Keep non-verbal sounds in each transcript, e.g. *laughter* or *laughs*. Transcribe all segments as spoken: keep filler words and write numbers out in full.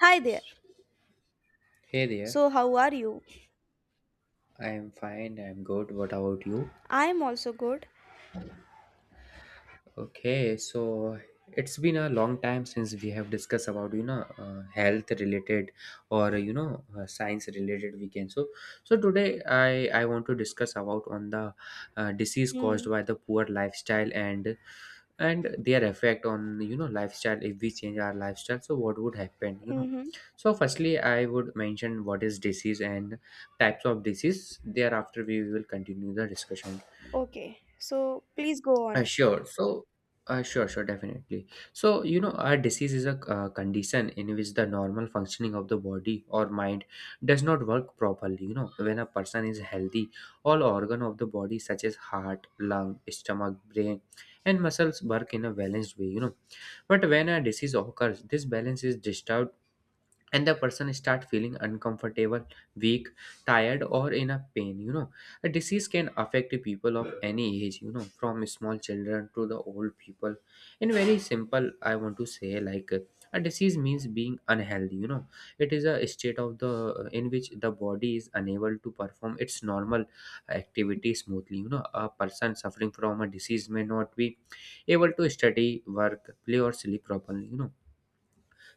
Hi there. Hey there, So, how are you? I am fine, I'm good. What about you? I'm also good. Okay, so it's been a long time since we have discussed about you know uh, health related or you know uh, science related weekend. So so today I I want to discuss about on the uh, disease Hmm. caused by the poor lifestyle and and their effect on you know lifestyle. If we change our lifestyle, so what would happen? you know Mm-hmm. So firstly I would mention what is disease and types of disease, thereafter we will continue the discussion. Okay, so please go uh, on. Sure. So, uh, sure, sure, definitely. So, you know, a disease is a uh, condition in which the normal functioning of the body or mind does not work properly. You know, when a person is healthy, all organ of the body, such as heart, lung, stomach, brain, and muscles, work in a balanced way. You know, but when a disease occurs, this balance is disturbed and the person start feeling uncomfortable, weak, tired, or in a pain. You know a disease can affect people of any age, you know from small children to the old people. In very simple I want to say, like uh, a disease means being unhealthy. You know it is a state of the in which the body is unable to perform its normal activity smoothly. You know a person suffering from a disease may not be able to study, work, play, or sleep properly. you know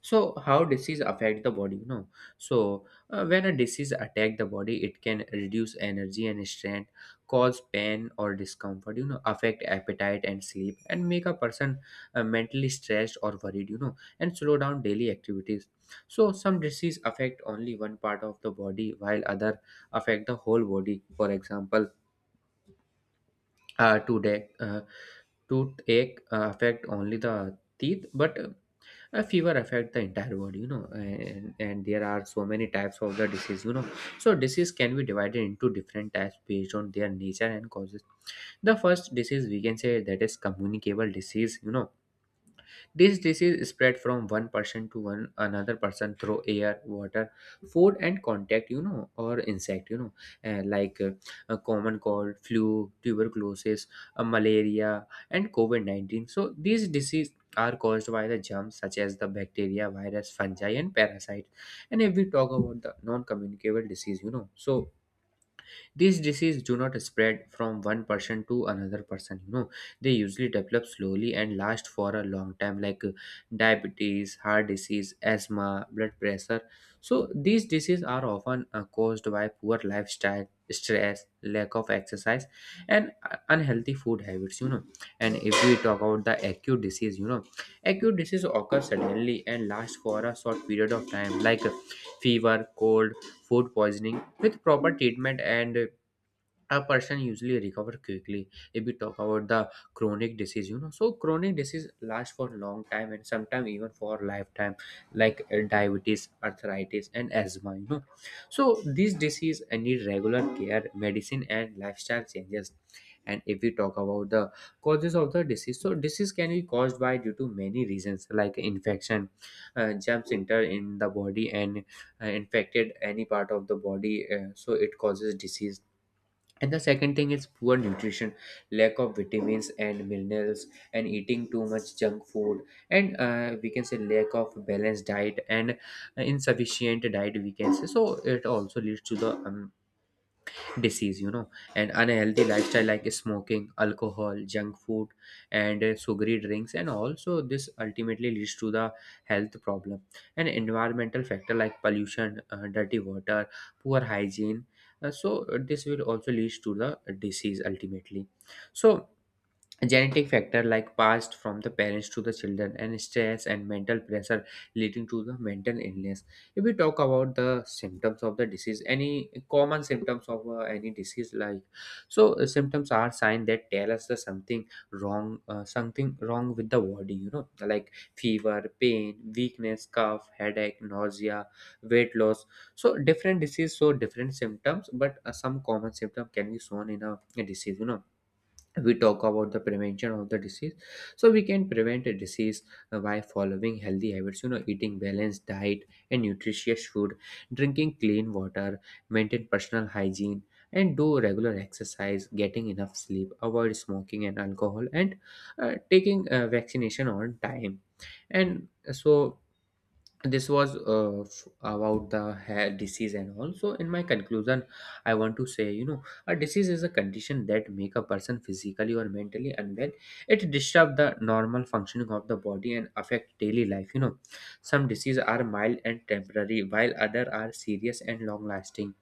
So how disease affect the body? You know so uh, when a disease attack the body, it can reduce energy and strength, cause pain or discomfort, you know affect appetite and sleep, and make a person uh, mentally stressed or worried, you know and slow down daily activities. So some disease affect only one part of the body while other affect the whole body. For example, uh, today uh, toothache uh, affect only the teeth, but a fever affect the entire world. You know, and, and there are so many types of the disease. You know so disease can be divided into different types based on their nature and causes. The first disease we can say that is communicable disease. You know this disease spread from one person to one another person through air, water, food, and contact. You know, or insect. You know, uh, like uh, a common cold, flu, tuberculosis, uh, malaria, and COVID nineteen. So these diseases are caused by the germs such as the bacteria, virus, fungi, and parasites. And if we talk about the non-communicable disease, you know, so these diseases do not spread from one person to another person, you know. They usually develop slowly and last for a long time, like uh, diabetes, heart disease, asthma, blood pressure. So, these diseases are often uh, caused by poor lifestyle, stress, lack of exercise, and uh, unhealthy food habits, you know. And if we talk about the acute disease, you know, acute disease occur suddenly and last for a short period of time, like uh, fever, cold, food poisoning. With proper treatment and uh, a person usually recover quickly. If we talk about the chronic disease, you know so chronic disease lasts for long time and sometimes even for lifetime, like uh, diabetes, arthritis, and asthma. You know so these disease uh, need regular care, medicine, and lifestyle changes. And if we talk about the causes of the disease, so disease can be caused by due to many reasons, like infection. Uh, germs enter in the body and uh, infected any part of the body, uh, so it causes disease. And the second thing is poor nutrition, lack of vitamins and minerals, and eating too much junk food, and uh, we can say lack of balanced diet and uh, insufficient diet. We can say so it also leads to the um, disease. You know and unhealthy lifestyle like smoking, alcohol, junk food, and uh, sugary drinks, and also this ultimately leads to the health problem. And environmental factor like pollution, uh, dirty water, poor hygiene. Uh, so uh, this will also lead to the disease ultimately. So genetic factor like passed from the parents to the children, and stress and mental pressure leading to the mental illness. If we talk about the symptoms of the disease, any common symptoms of uh, any disease, like, so uh, symptoms are signs that tell us the something wrong, uh, something wrong with the body. You know like fever, pain, weakness, cough, headache, nausea, weight loss. So different disease, so different symptoms, but uh, some common symptom can be shown in a, a disease. You know we talk about the prevention of the disease. So we can prevent a disease uh, by following healthy habits, you know eating balanced diet and nutritious food, drinking clean water, maintain personal hygiene, and do regular exercise, getting enough sleep, avoid smoking and alcohol, and uh, taking uh, vaccination on time. And so this was uh, f- about the hair disease and all. So in my conclusion, I want to say, you know a disease is a condition that make a person physically or mentally unwell. It disturb the normal functioning of the body and affect daily life. You know some diseases are mild and temporary while other are serious and long lasting.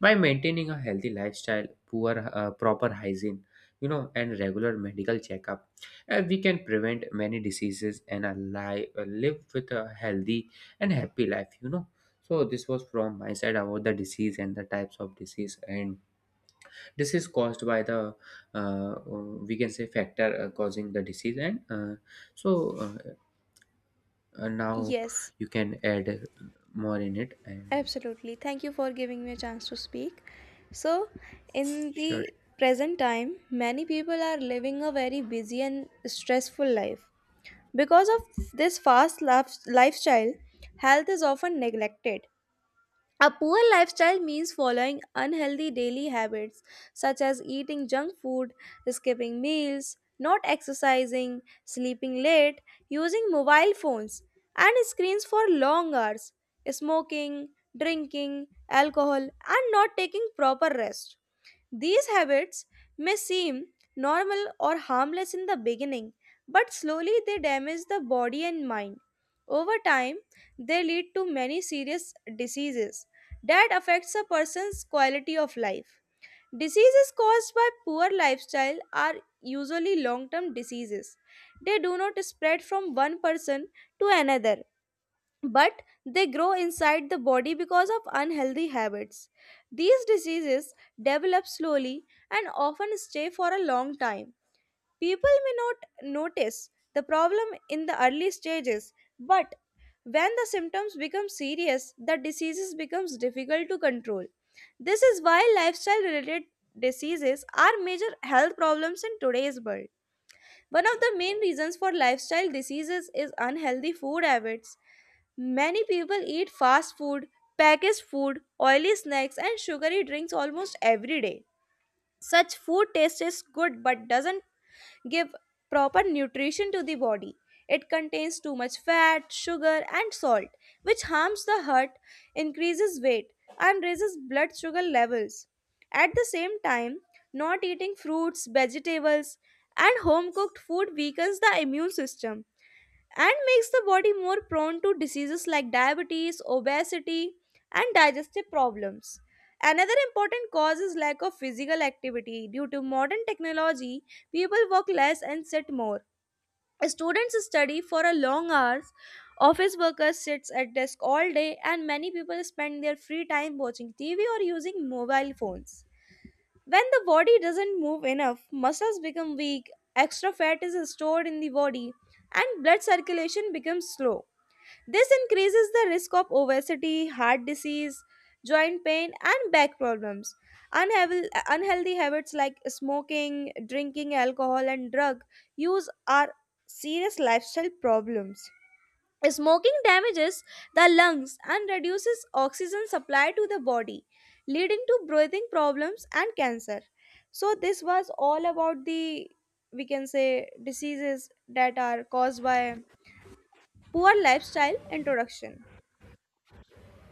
By maintaining a healthy lifestyle, poor uh, proper hygiene, you know and regular medical checkup, uh, we can prevent many diseases and a li- uh, live with a healthy and happy life. You know so this was from my side about the disease and the types of disease, and this is caused by the uh, uh, we can say factor uh, causing the disease and uh, so uh, uh, now Yes, you can add more in it. And absolutely. Thank you for giving me a chance to speak. So, in sure. the present time, many people are living a very busy and stressful life. Because of this fast lif- lifestyle, health is often neglected. A poor lifestyle means following unhealthy daily habits such as eating junk food, skipping meals, not exercising, sleeping late, using mobile phones and screens for long hours, smoking, drinking alcohol, and not taking proper rest. These habits may seem normal or harmless in the beginning, but slowly they damage the body and mind. Over time, they lead to many serious diseases that affects a person's quality of life. Diseases caused by poor lifestyle are usually long term diseases. They do not spread from one person to another, but they grow inside the body because of unhealthy habits. These diseases develop slowly and often stay for a long time. People may not notice the problem in the early stages, but when the symptoms become serious, the diseases becomes difficult to control. This is why lifestyle related diseases are major health problems in today's world. One of the main reasons for lifestyle diseases is unhealthy food habits. Many people eat fast food, packaged food, oily snacks, and sugary drinks almost every day. Such food tastes good but doesn't give proper nutrition to the body. It contains too much fat, sugar, and salt, which harms the heart, increases weight, and raises blood sugar levels. At the same time, not eating fruits, vegetables, and home cooked food weakens the immune system and makes the body more prone to diseases like diabetes, obesity, and digestive problems. Another important cause is lack of physical activity. Due to modern technology, people work less and sit more. Students study for a long hours, office workers sit at desk all day, and many people spend their free time watching T V or using mobile phones. When the body doesn't move enough, muscles become weak, extra fat is stored in the body, and blood circulation becomes slow. This increases the risk of obesity, heart disease, joint pain, and back problems. Unhevel- Unhealthy habits like smoking, drinking alcohol, and drug use are serious lifestyle problems. Smoking damages the lungs and reduces oxygen supply to the body, leading to breathing problems and cancer. So, this was all about the we can say diseases that are caused by poor lifestyle introduction.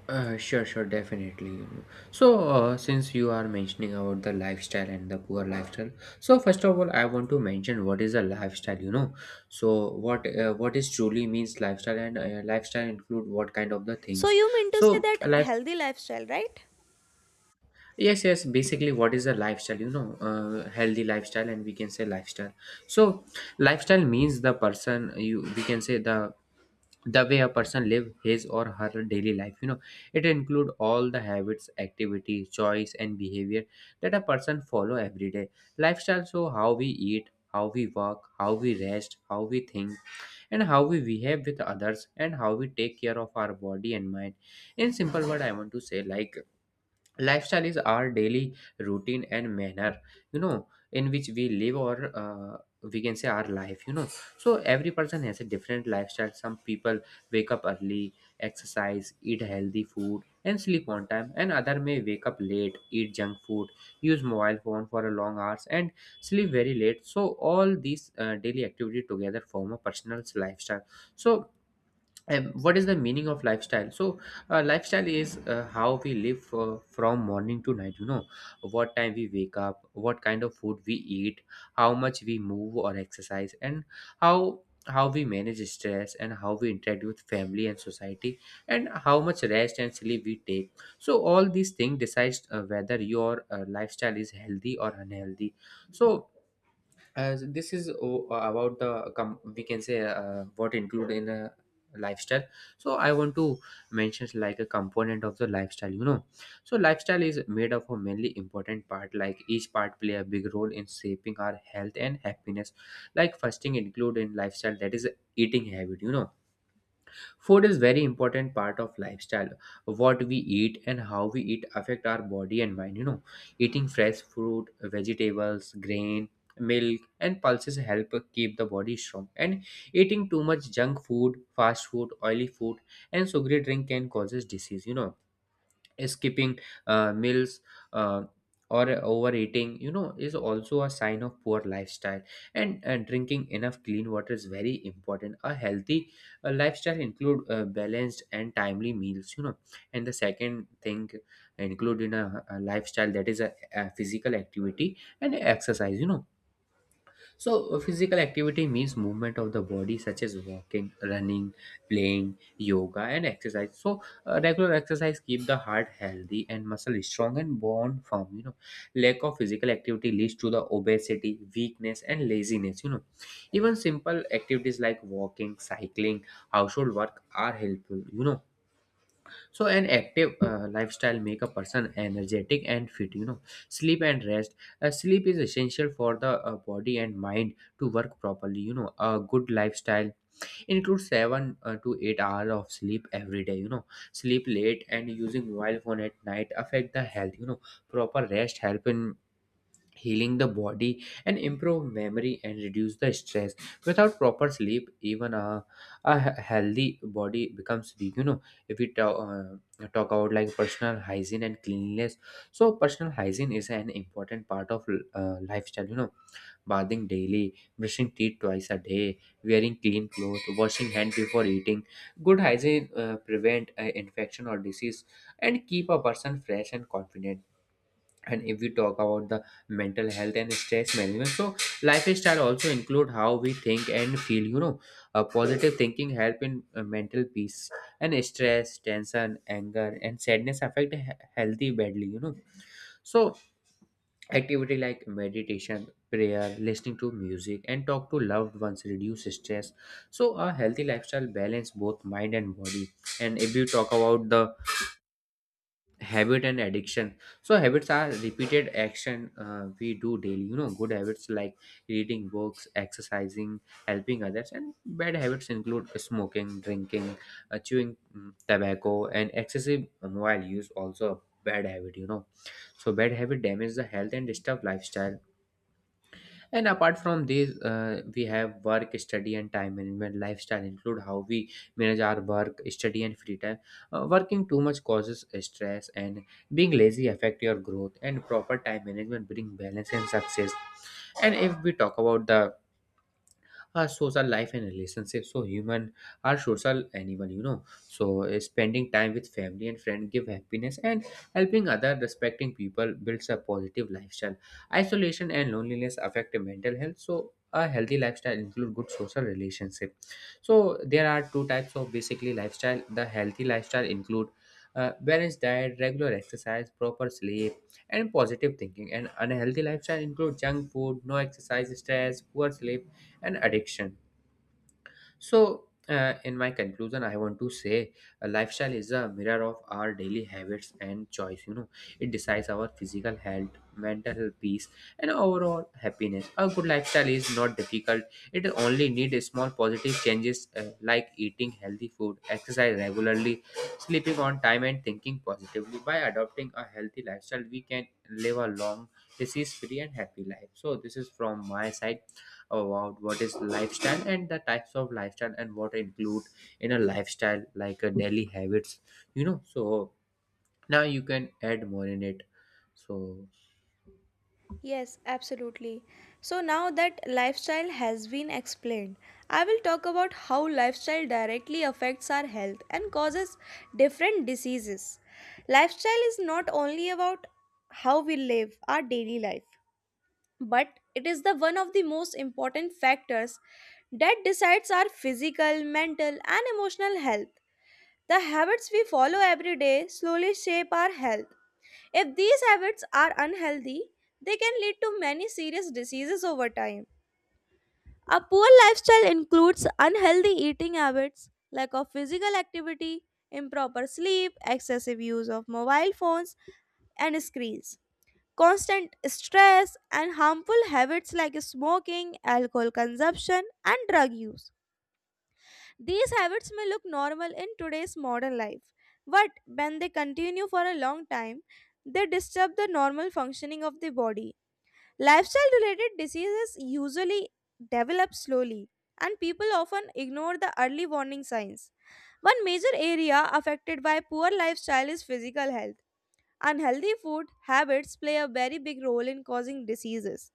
Uh, sure, sure, Definitely. So, uh, since you are mentioning about the lifestyle and the poor lifestyle, so first of all, I want to mention what is a lifestyle. You know, so what uh, what is truly means lifestyle, and uh, lifestyle include what kind of the So, things. you mean to say So, that a life, healthy lifestyle, right? yes, yes, basically, what is a lifestyle? You know, uh, healthy lifestyle, and we can say lifestyle. So, lifestyle means the person you we can say the the way a person live his or her daily life. You know it include all the habits, activities, choice, and behavior that a person follow every day. Lifestyle, so how we eat, how we work, how we rest, how we think, and how we behave with others, and how we take care of our body and mind. In simple word, I want to say, like, lifestyle is our daily routine and manner, you know in which we live, or uh, we can say our life. You know so every person has a different lifestyle. Some people wake up early, exercise, eat healthy food, and sleep on time, and other may wake up late, eat junk food, use mobile phone for a long hours, and sleep very late. So all these uh, daily activity together form a personal lifestyle. So um, what is the meaning of lifestyle? So uh, lifestyle is uh, how we live uh, from morning to night. You know what time we wake up, what kind of food we eat, how much we move or exercise, and how how we manage stress, and how we interact with family and society, and how much rest and sleep we take. So all these things decides uh, whether your uh, lifestyle is healthy or unhealthy. So as this is o- about the com- we can say uh, what include in a lifestyle. So I want to mention like a component of the lifestyle. You know so lifestyle is made up of mainly important part, like each part play a big role in shaping our health and happiness. Like fasting include in lifestyle, that is eating habit. you know Food is very important part of lifestyle. What we eat and how we eat affect our body and mind. You know, eating fresh fruit, vegetables, grain, milk, and pulses help keep the body strong. And eating too much junk food, fast food, oily food, and sugary drink can causes disease. You know, skipping uh, meals uh, or overeating, you know is also a sign of poor lifestyle. And uh, drinking enough clean water is very important. A healthy uh, lifestyle include uh, balanced and timely meals. You know and the second thing include in a, a lifestyle, that is a, a physical activity and exercise. You know so, uh, physical activity means movement of the body, such as walking, running, playing, yoga, and exercise. So, uh, regular exercise keep the heart healthy and muscle strong and bone firm. You know, lack of physical activity leads to the obesity, weakness, and laziness. You know, even simple activities like walking, cycling, household work are helpful. You know so an active uh, lifestyle make a person energetic and fit. You know, sleep and rest. Uh, sleep is essential for the uh, body and mind to work properly. You know, a good lifestyle includes seven uh, to eight hours of sleep every day. You know, sleep late and using mobile phone at night affect the health. You know, proper rest help in healing the body and improve memory and reduce the stress without proper sleep even a, a he- healthy body becomes weak, you know. If we talk, uh, talk about like personal hygiene and cleanliness, so personal hygiene is an important part of uh, lifestyle, you know. Bathing daily, brushing teeth twice a day, wearing clean clothes, washing hand before eating, good hygiene uh, prevent uh, infection or disease and keep a person fresh and confident. And if we talk about the mental health and stress management, so lifestyle also include how we think and feel, you know. A positive thinking help in uh, mental peace, and stress, tension, anger, and sadness affect he- healthy badly, you know. So activity like meditation, prayer, listening to music, and talk to loved ones reduce stress. So a healthy lifestyle balance both mind and body. And if you talk about the habit and addiction, so habits are repeated action uh, we do daily, you know. Good habits like reading books, exercising, helping others. And bad habits include smoking, drinking, uh, chewing mm, tobacco, and excessive mobile use also a bad habit, you know. So bad habit damage the health and disturb lifestyle. And apart from this, uh, we have work, study, and time management. Lifestyle include how we manage our work, study, and free time. Uh, working too much causes stress, and being lazy affect your growth. And proper time management bring balance and success. And if we talk about the our social life and relationships, so human are social animal, you know. So uh, spending time with family and friend give happiness, and helping other, respecting people builds a positive lifestyle. Isolation and loneliness affect mental health. So a healthy lifestyle include good social relationship. So there are two types of basically lifestyle. The healthy lifestyle include uh, balanced diet, regular exercise, proper sleep, and positive thinking. And unhealthy lifestyle include junk food, no exercise, stress, poor sleep, and addiction. So, uh, in my conclusion, I want to say a lifestyle is a mirror of our daily habits and choice. You know, it decides our physical health, mental health, peace, and overall happiness. A good lifestyle is not difficult. It only needs small positive changes uh, like eating healthy food, exercise regularly, sleeping on time, and thinking positively. By adopting a healthy lifestyle, we can live a long, disease-free, and happy life. So this is from my side about what is lifestyle and the types of lifestyle and what include in a lifestyle like a daily habits, you know. So now you can add more in it. So Yes, absolutely. So now that lifestyle has been explained, I will talk about how lifestyle directly affects our health and causes different diseases. Lifestyle is not only about how we live our daily life, but it is the one of the most important factors that decides our physical, mental and emotional health. The habits we follow every day slowly shape our health. If these habits are unhealthy, they can lead to many serious diseases over time. A poor lifestyle includes unhealthy eating habits, lack of physical activity, improper sleep, excessive use of mobile phones and screens, constant stress, and harmful habits like smoking, alcohol consumption, and drug use. These habits may look normal in today's modern life, but when they continue for a long time, they disturb the normal functioning of the body. Lifestyle related diseases usually develop slowly, and people often ignore the early warning signs. One major area affected by poor lifestyle is physical health. Unhealthy food habits play a very big role in causing diseases.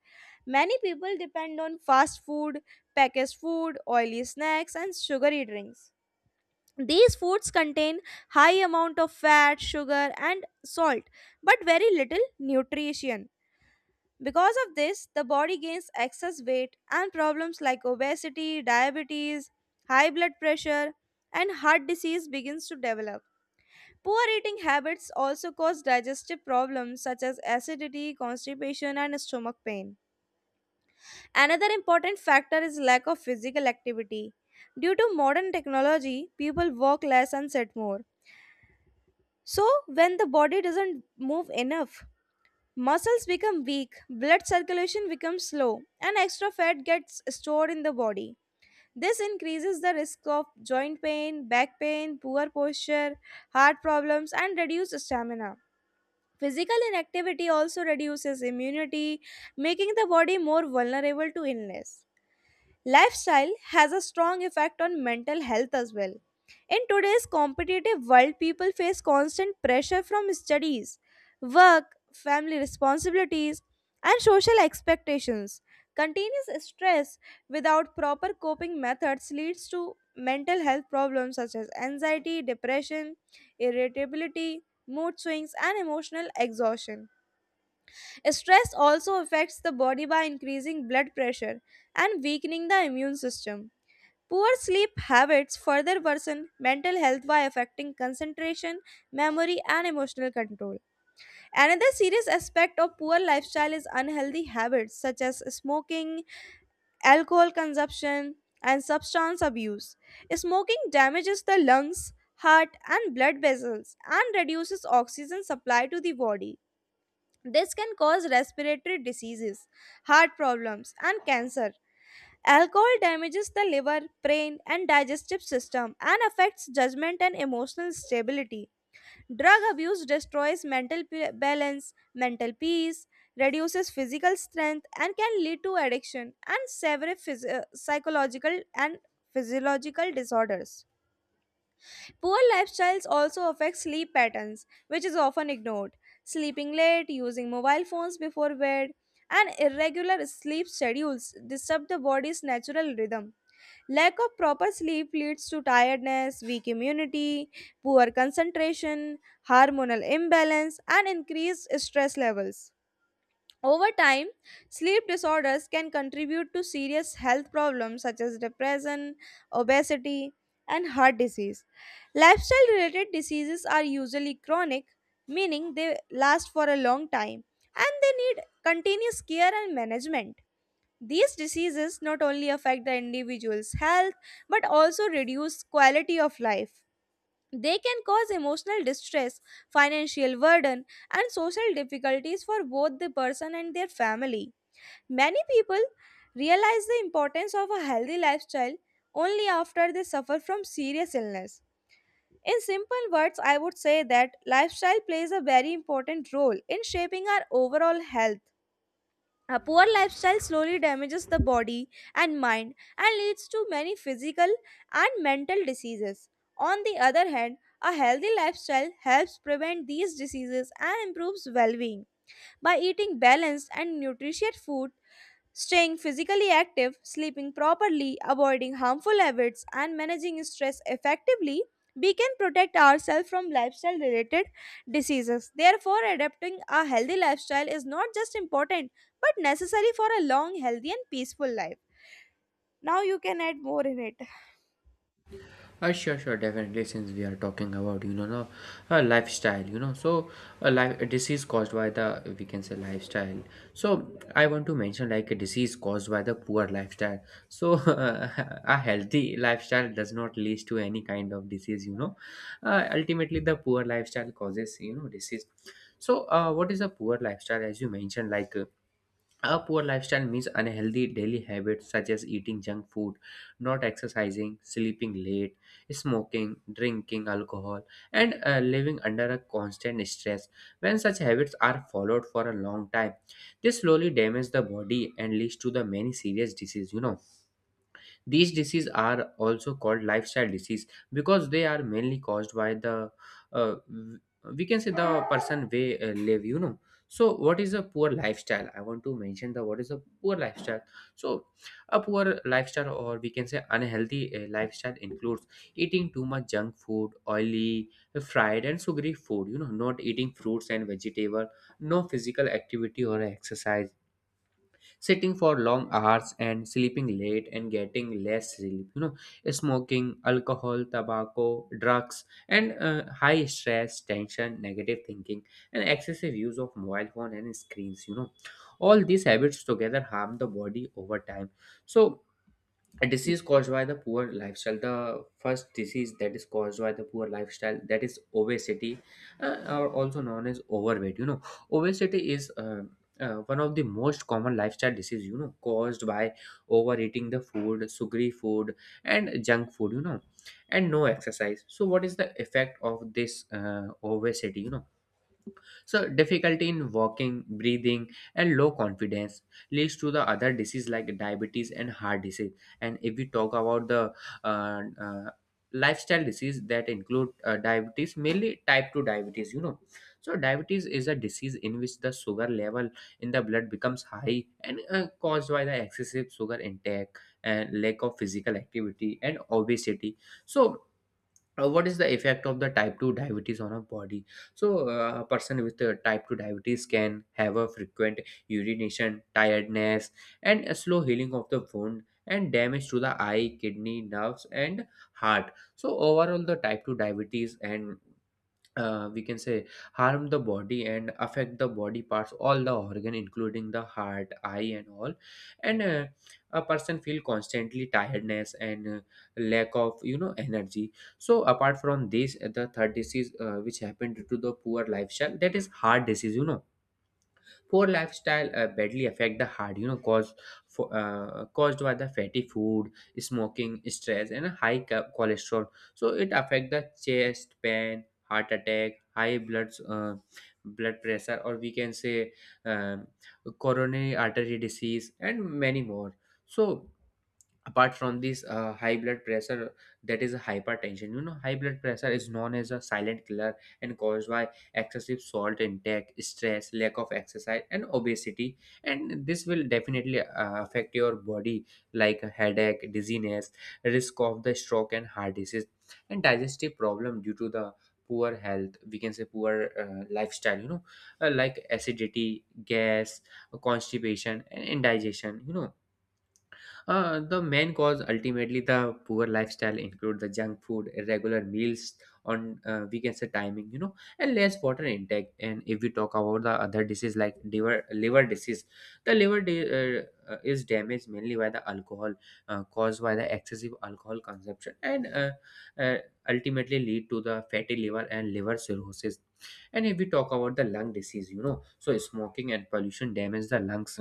Many people depend on fast food, packaged food, oily snacks, and sugary drinks. These foods contain high amount of fat, sugar and salt but very little nutrition. Because of this, the body gains excess weight and problems like obesity, diabetes, high blood pressure and heart disease begins to develop. Poor eating habits also cause digestive problems such as acidity, constipation and stomach pain. Another important factor is lack of physical activity. Due to modern technology, people walk less and sit more. So, when the body doesn't move enough, muscles become weak, blood circulation becomes slow, and extra fat gets stored in the body. This increases the risk of joint pain, back pain, poor posture, heart problems, and reduced stamina. Physical inactivity also reduces immunity, making the body more vulnerable to illness. Lifestyle has a strong effect on mental health as well. In today's competitive world, people face constant pressure from studies, work, family responsibilities, and social expectations. Continuous stress without proper coping methods leads to mental health problems such as anxiety, depression, irritability, mood swings, and emotional exhaustion. Stress also affects the body by increasing blood pressure and weakening the immune system. Poor sleep habits further worsen mental health by affecting concentration, memory, and emotional control. Another serious aspect of poor lifestyle is unhealthy habits such as smoking, alcohol consumption, and substance abuse. Smoking damages the lungs, heart, and blood vessels and reduces oxygen supply to the body. This can cause respiratory diseases, heart problems, and cancer. Alcohol damages the liver, brain, and digestive system and affects judgment and emotional stability. Drug abuse destroys mental p- balance, mental peace, reduces physical strength, and can lead to addiction and severe phys- uh, psychological and physiological disorders. Poor lifestyles also affect sleep patterns, which is often ignored. Sleeping late, using mobile phones before bed, and irregular sleep schedules disturb the body's natural rhythm. Lack of proper sleep leads to tiredness, weak immunity, poor concentration, hormonal imbalance, and increased stress levels. Over time, sleep disorders can contribute to serious health problems such as depression, obesity, and heart disease. Lifestyle related diseases are usually chronic, meaning they last for a long time and they need continuous care and management. These diseases not only affect the individual's health but also reduce quality of life. They can cause emotional distress, financial burden, and social difficulties for both the person and their family. Many people realize the importance of a healthy lifestyle only after they suffer from serious illness. In simple words, I would say that lifestyle plays a very important role in shaping our overall health. A poor lifestyle slowly damages the body and mind and leads to many physical and mental diseases. On the other hand, a healthy lifestyle helps prevent these diseases and improves well being. By eating balanced and nutritious food, staying physically active, sleeping properly, avoiding harmful habits, and managing stress effectively, we can protect ourselves from lifestyle related diseases. Therefore, adapting a healthy lifestyle is not just important but necessary for a long, healthy, and peaceful life. Now, you can add more in it. Uh, sure, sure, definitely. Since we are talking about, you know, no, uh, lifestyle, you know, so a life a disease caused by the, we can say, lifestyle. So I want to mention like a disease caused by the poor lifestyle. So *laughs* a healthy lifestyle does not lead to any kind of disease. You know, uh, ultimately the poor lifestyle causes, you know, disease. So uh, what is a poor lifestyle? As you mentioned, like. Uh, a poor lifestyle means unhealthy daily habits such as eating junk food, not exercising, sleeping late, smoking, drinking alcohol, and uh, living under a constant stress. When such habits are followed for a long time, they slowly damage the body and leads to the many serious diseases. You know, these diseases are also called lifestyle disease because they are mainly caused by the uh, w- we can say the person way uh, live, you know. So what is a poor lifestyle? I want to mention the what is a poor lifestyle. So a poor lifestyle, or we can say unhealthy uh, lifestyle, includes eating too much junk food, oily, fried, and sugary food, you know, not eating fruits and vegetable, no physical activity or exercise, sitting for long hours and sleeping late and getting less sleep, you know, smoking, alcohol, tobacco, drugs, and uh, high stress, tension, negative thinking, and excessive use of mobile phone and screens, you know. All these habits together harm the body over time. So a disease caused by the poor lifestyle, the first disease that is caused by the poor lifestyle that is obesity, uh, or also known as overweight, you know. Obesity is uh, uh, one of the most common lifestyle disease, you know, caused by overeating the food, sugary food, and junk food, you know, and no exercise. So what is the effect of this uh, obesity, you know? So difficulty in walking, breathing, and low confidence leads to the other disease like diabetes and heart disease. And if we talk about the uh, uh, lifestyle disease that include uh, diabetes, mainly type two diabetes, you know. So diabetes is a disease in which the sugar level in the blood becomes high and uh, caused by the excessive sugar intake and lack of physical activity and obesity. So, uh, what is the effect of the type two diabetes on a body? So uh, a person with uh, type two diabetes can have a frequent urination, tiredness, and a slow healing of the wound, and damage to the eye, kidney, nerves, and heart. So overall the type two diabetes and, uh, we can say, harm the body and affect the body parts, all the organ including the heart, eye, and all. And uh, a person feel constantly tiredness and uh, lack of, you know, energy. So apart from this, uh, the third disease uh, which happened due to the poor lifestyle that is heart disease, you know. Poor lifestyle uh, badly affect the heart, you know, cause for, uh, caused by the fatty food, smoking, stress, and a high co- cholesterol. So it affect the chest pain, heart attack, high blood uh, blood pressure, or we can say um, coronary artery disease, and many more. So apart from this, uh, high blood pressure, that is hypertension, you know. High blood pressure is known as a silent killer, and caused by excessive salt intake, stress, lack of exercise, and obesity. And this will definitely uh, affect your body like a headache, dizziness, risk of the stroke and heart disease, and digestive problem due to the poor health, we can say poor uh, lifestyle, you know, uh, like acidity, gas, constipation, and indigestion, you know. Uh, the main cause, ultimately the poor lifestyle, include the junk food, irregular meals on, uh, we can say, timing, you know, and less water intake. And if we talk about the other disease like liver liver disease, the liver di- uh, uh, is damaged mainly by the alcohol, uh, caused by the excessive alcohol consumption, and uh, uh, ultimately lead to the fatty liver and liver cirrhosis. And if we talk about the lung disease, you know, so smoking and pollution damage the lungs,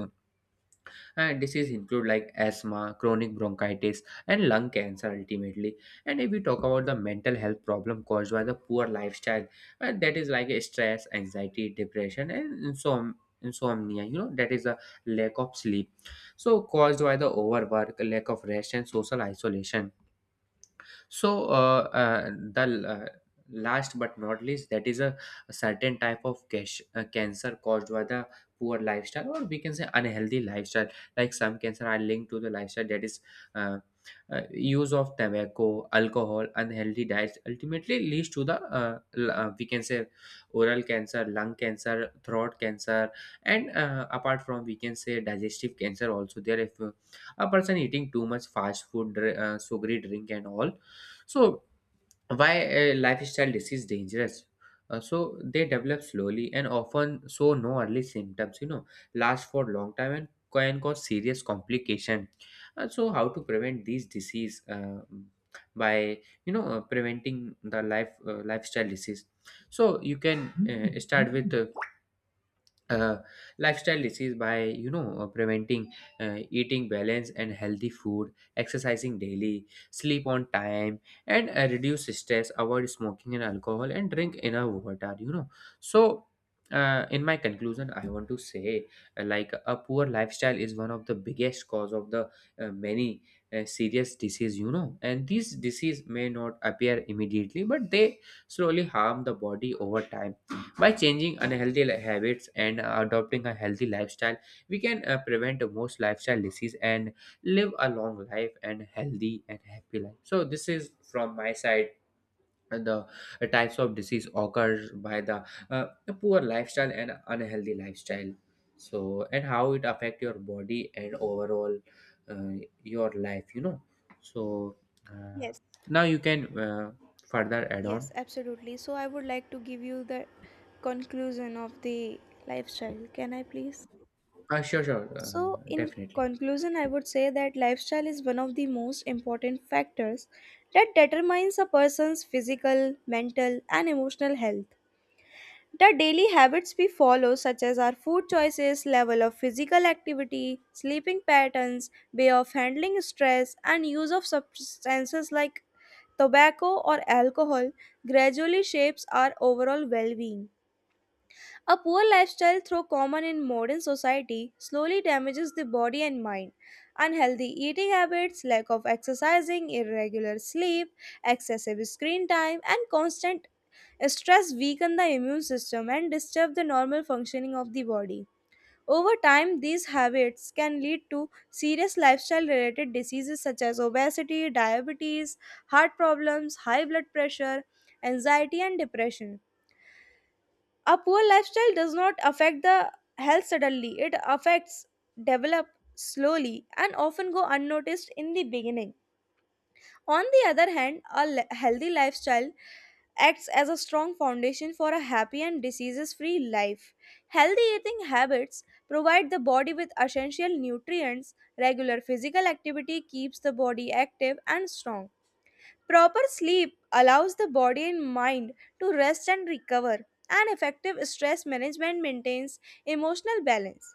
and disease include like asthma, chronic bronchitis, and lung cancer ultimately. And if we talk about the mental health problem caused by the poor lifestyle, and that is like a stress, anxiety, depression, and insom- insomnia, you know, that is a lack of sleep. So caused by the overwork, lack of rest, and social isolation. So uh, uh, the uh, last but not least, that is a, a certain type of cash, uh, cancer caused by the poor lifestyle, or we can say unhealthy lifestyle. Like some cancer are linked to the lifestyle, that is uh, uh, use of tobacco, alcohol, unhealthy diets, ultimately leads to the uh, l- uh, we can say oral cancer, lung cancer, throat cancer. And uh, apart from, we can say, digestive cancer also there if uh, a person eating too much fast food, dr- uh, sugary drink, and all. So why a lifestyle disease dangerous? Uh, so they develop slowly and often show no early symptoms. You know, last for long time and can cause serious complication. Uh, so how to prevent these disease? Uh, by, you know, uh, preventing the life uh, lifestyle disease. So you can uh, start with uh, uh, lifestyle disease by, you know, uh, preventing, uh, eating balanced and healthy food, exercising daily, sleep on time, and uh, reduce stress, avoid smoking and alcohol, and drink enough water, you know. So uh, in my conclusion, I want to say, uh, like a poor lifestyle is one of the biggest cause of the uh, many uh, serious disease, you know. And these disease may not appear immediately, but they slowly harm the body over time. By changing unhealthy li- habits and uh, adopting a healthy lifestyle, we can uh, prevent most lifestyle disease and live a long life and healthy and happy life. So this is from my side, uh, the uh, types of disease occurs by the uh, poor lifestyle and unhealthy lifestyle. So and how it affect your body and overall uh, your life, you know. So uh, Yes, now you can uh, further add on. yes, absolutely. So, I would like to give you the conclusion of the lifestyle. Can I please? Uh, sure, sure, uh, So, in definitely. conclusion, I would say that lifestyle is one of the most important factors that determines a person's physical, mental, and emotional health. The daily habits we follow, such as our food choices, level of physical activity, sleeping patterns, way of handling stress, and use of substances like tobacco or alcohol, gradually shapes our overall well being. A poor lifestyle, though common in modern society, slowly damages the body and mind. Unhealthy eating habits, lack of exercising, irregular sleep, excessive screen time, and constant stress weaken the immune system and disturb the normal functioning of the body. Over time, these habits can lead to serious lifestyle related diseases such as obesity, diabetes, heart problems, high blood pressure, anxiety, and depression. A poor lifestyle does not affect the health suddenly, it affects develop slowly and often go unnoticed in the beginning. On the other hand, a le- healthy lifestyle acts as a strong foundation for a happy and diseases free life. Healthy eating habits provide the body with essential nutrients, regular physical activity keeps the body active and strong. Proper sleep allows the body and mind to rest and recover, and effective stress management maintains emotional balance.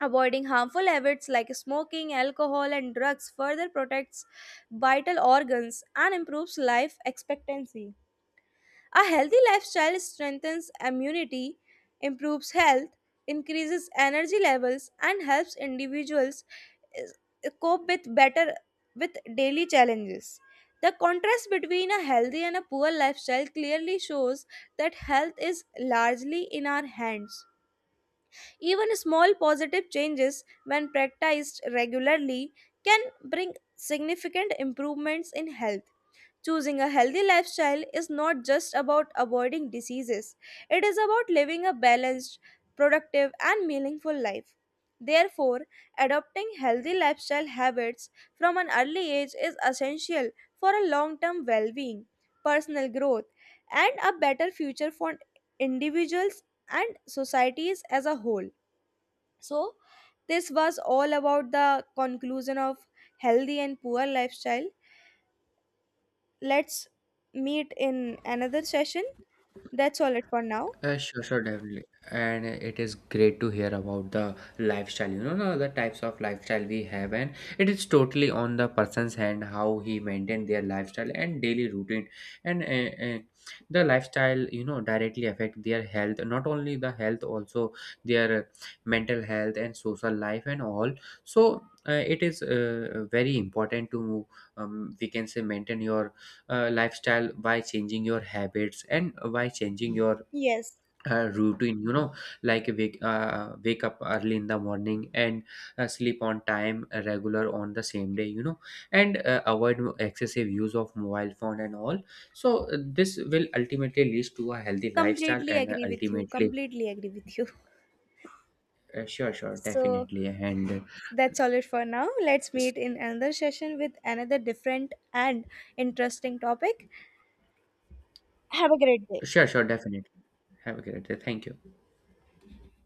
Avoiding harmful habits like smoking, alcohol, and drugs further protects vital organs and improves life expectancy. A healthy lifestyle strengthens immunity, improves health, increases energy levels, and helps individuals is- cope with better with daily challenges. The contrast between a healthy and a poor lifestyle clearly shows that health is largely in our hands. Even small positive changes, when practiced regularly, can bring significant improvements in health. Choosing a healthy lifestyle is not just about avoiding diseases, it is about living a balanced, productive, and meaningful life. Therefore, adopting healthy lifestyle habits from an early age is essential for a long term well being, personal growth, and a better future for individuals and societies as a whole. So, this was all about the conclusion of healthy and poor lifestyle. Let's meet in another session. That's all it for now. Uh, sure, sure, definitely. And uh, it is great to hear about the lifestyle, you know, no, the types of lifestyle we have. And it is totally on the person's hand how he maintain their lifestyle and daily routine. And uh, uh, the lifestyle, you know, directly affect their health, not only the health, also their mental health and social life and all. So uh, it is uh, very important to, um, we can say, maintain your uh, lifestyle by changing your habits and by changing your Yes, uh, routine, you know, like wake uh, wake up early in the morning and uh, sleep on time, uh, regular on the same day, you know, and uh, avoid excessive use of mobile phone and all. So uh, this will ultimately lead to a healthy lifestyle completely and uh, agree with you. ultimately Completely agree with you. *laughs* uh, sure, sure, So, definitely. And uh, that's all it for now. Let's meet in another session with another different and interesting topic. Have a great day. sure, sure, definitely. Have a great day. Thank you.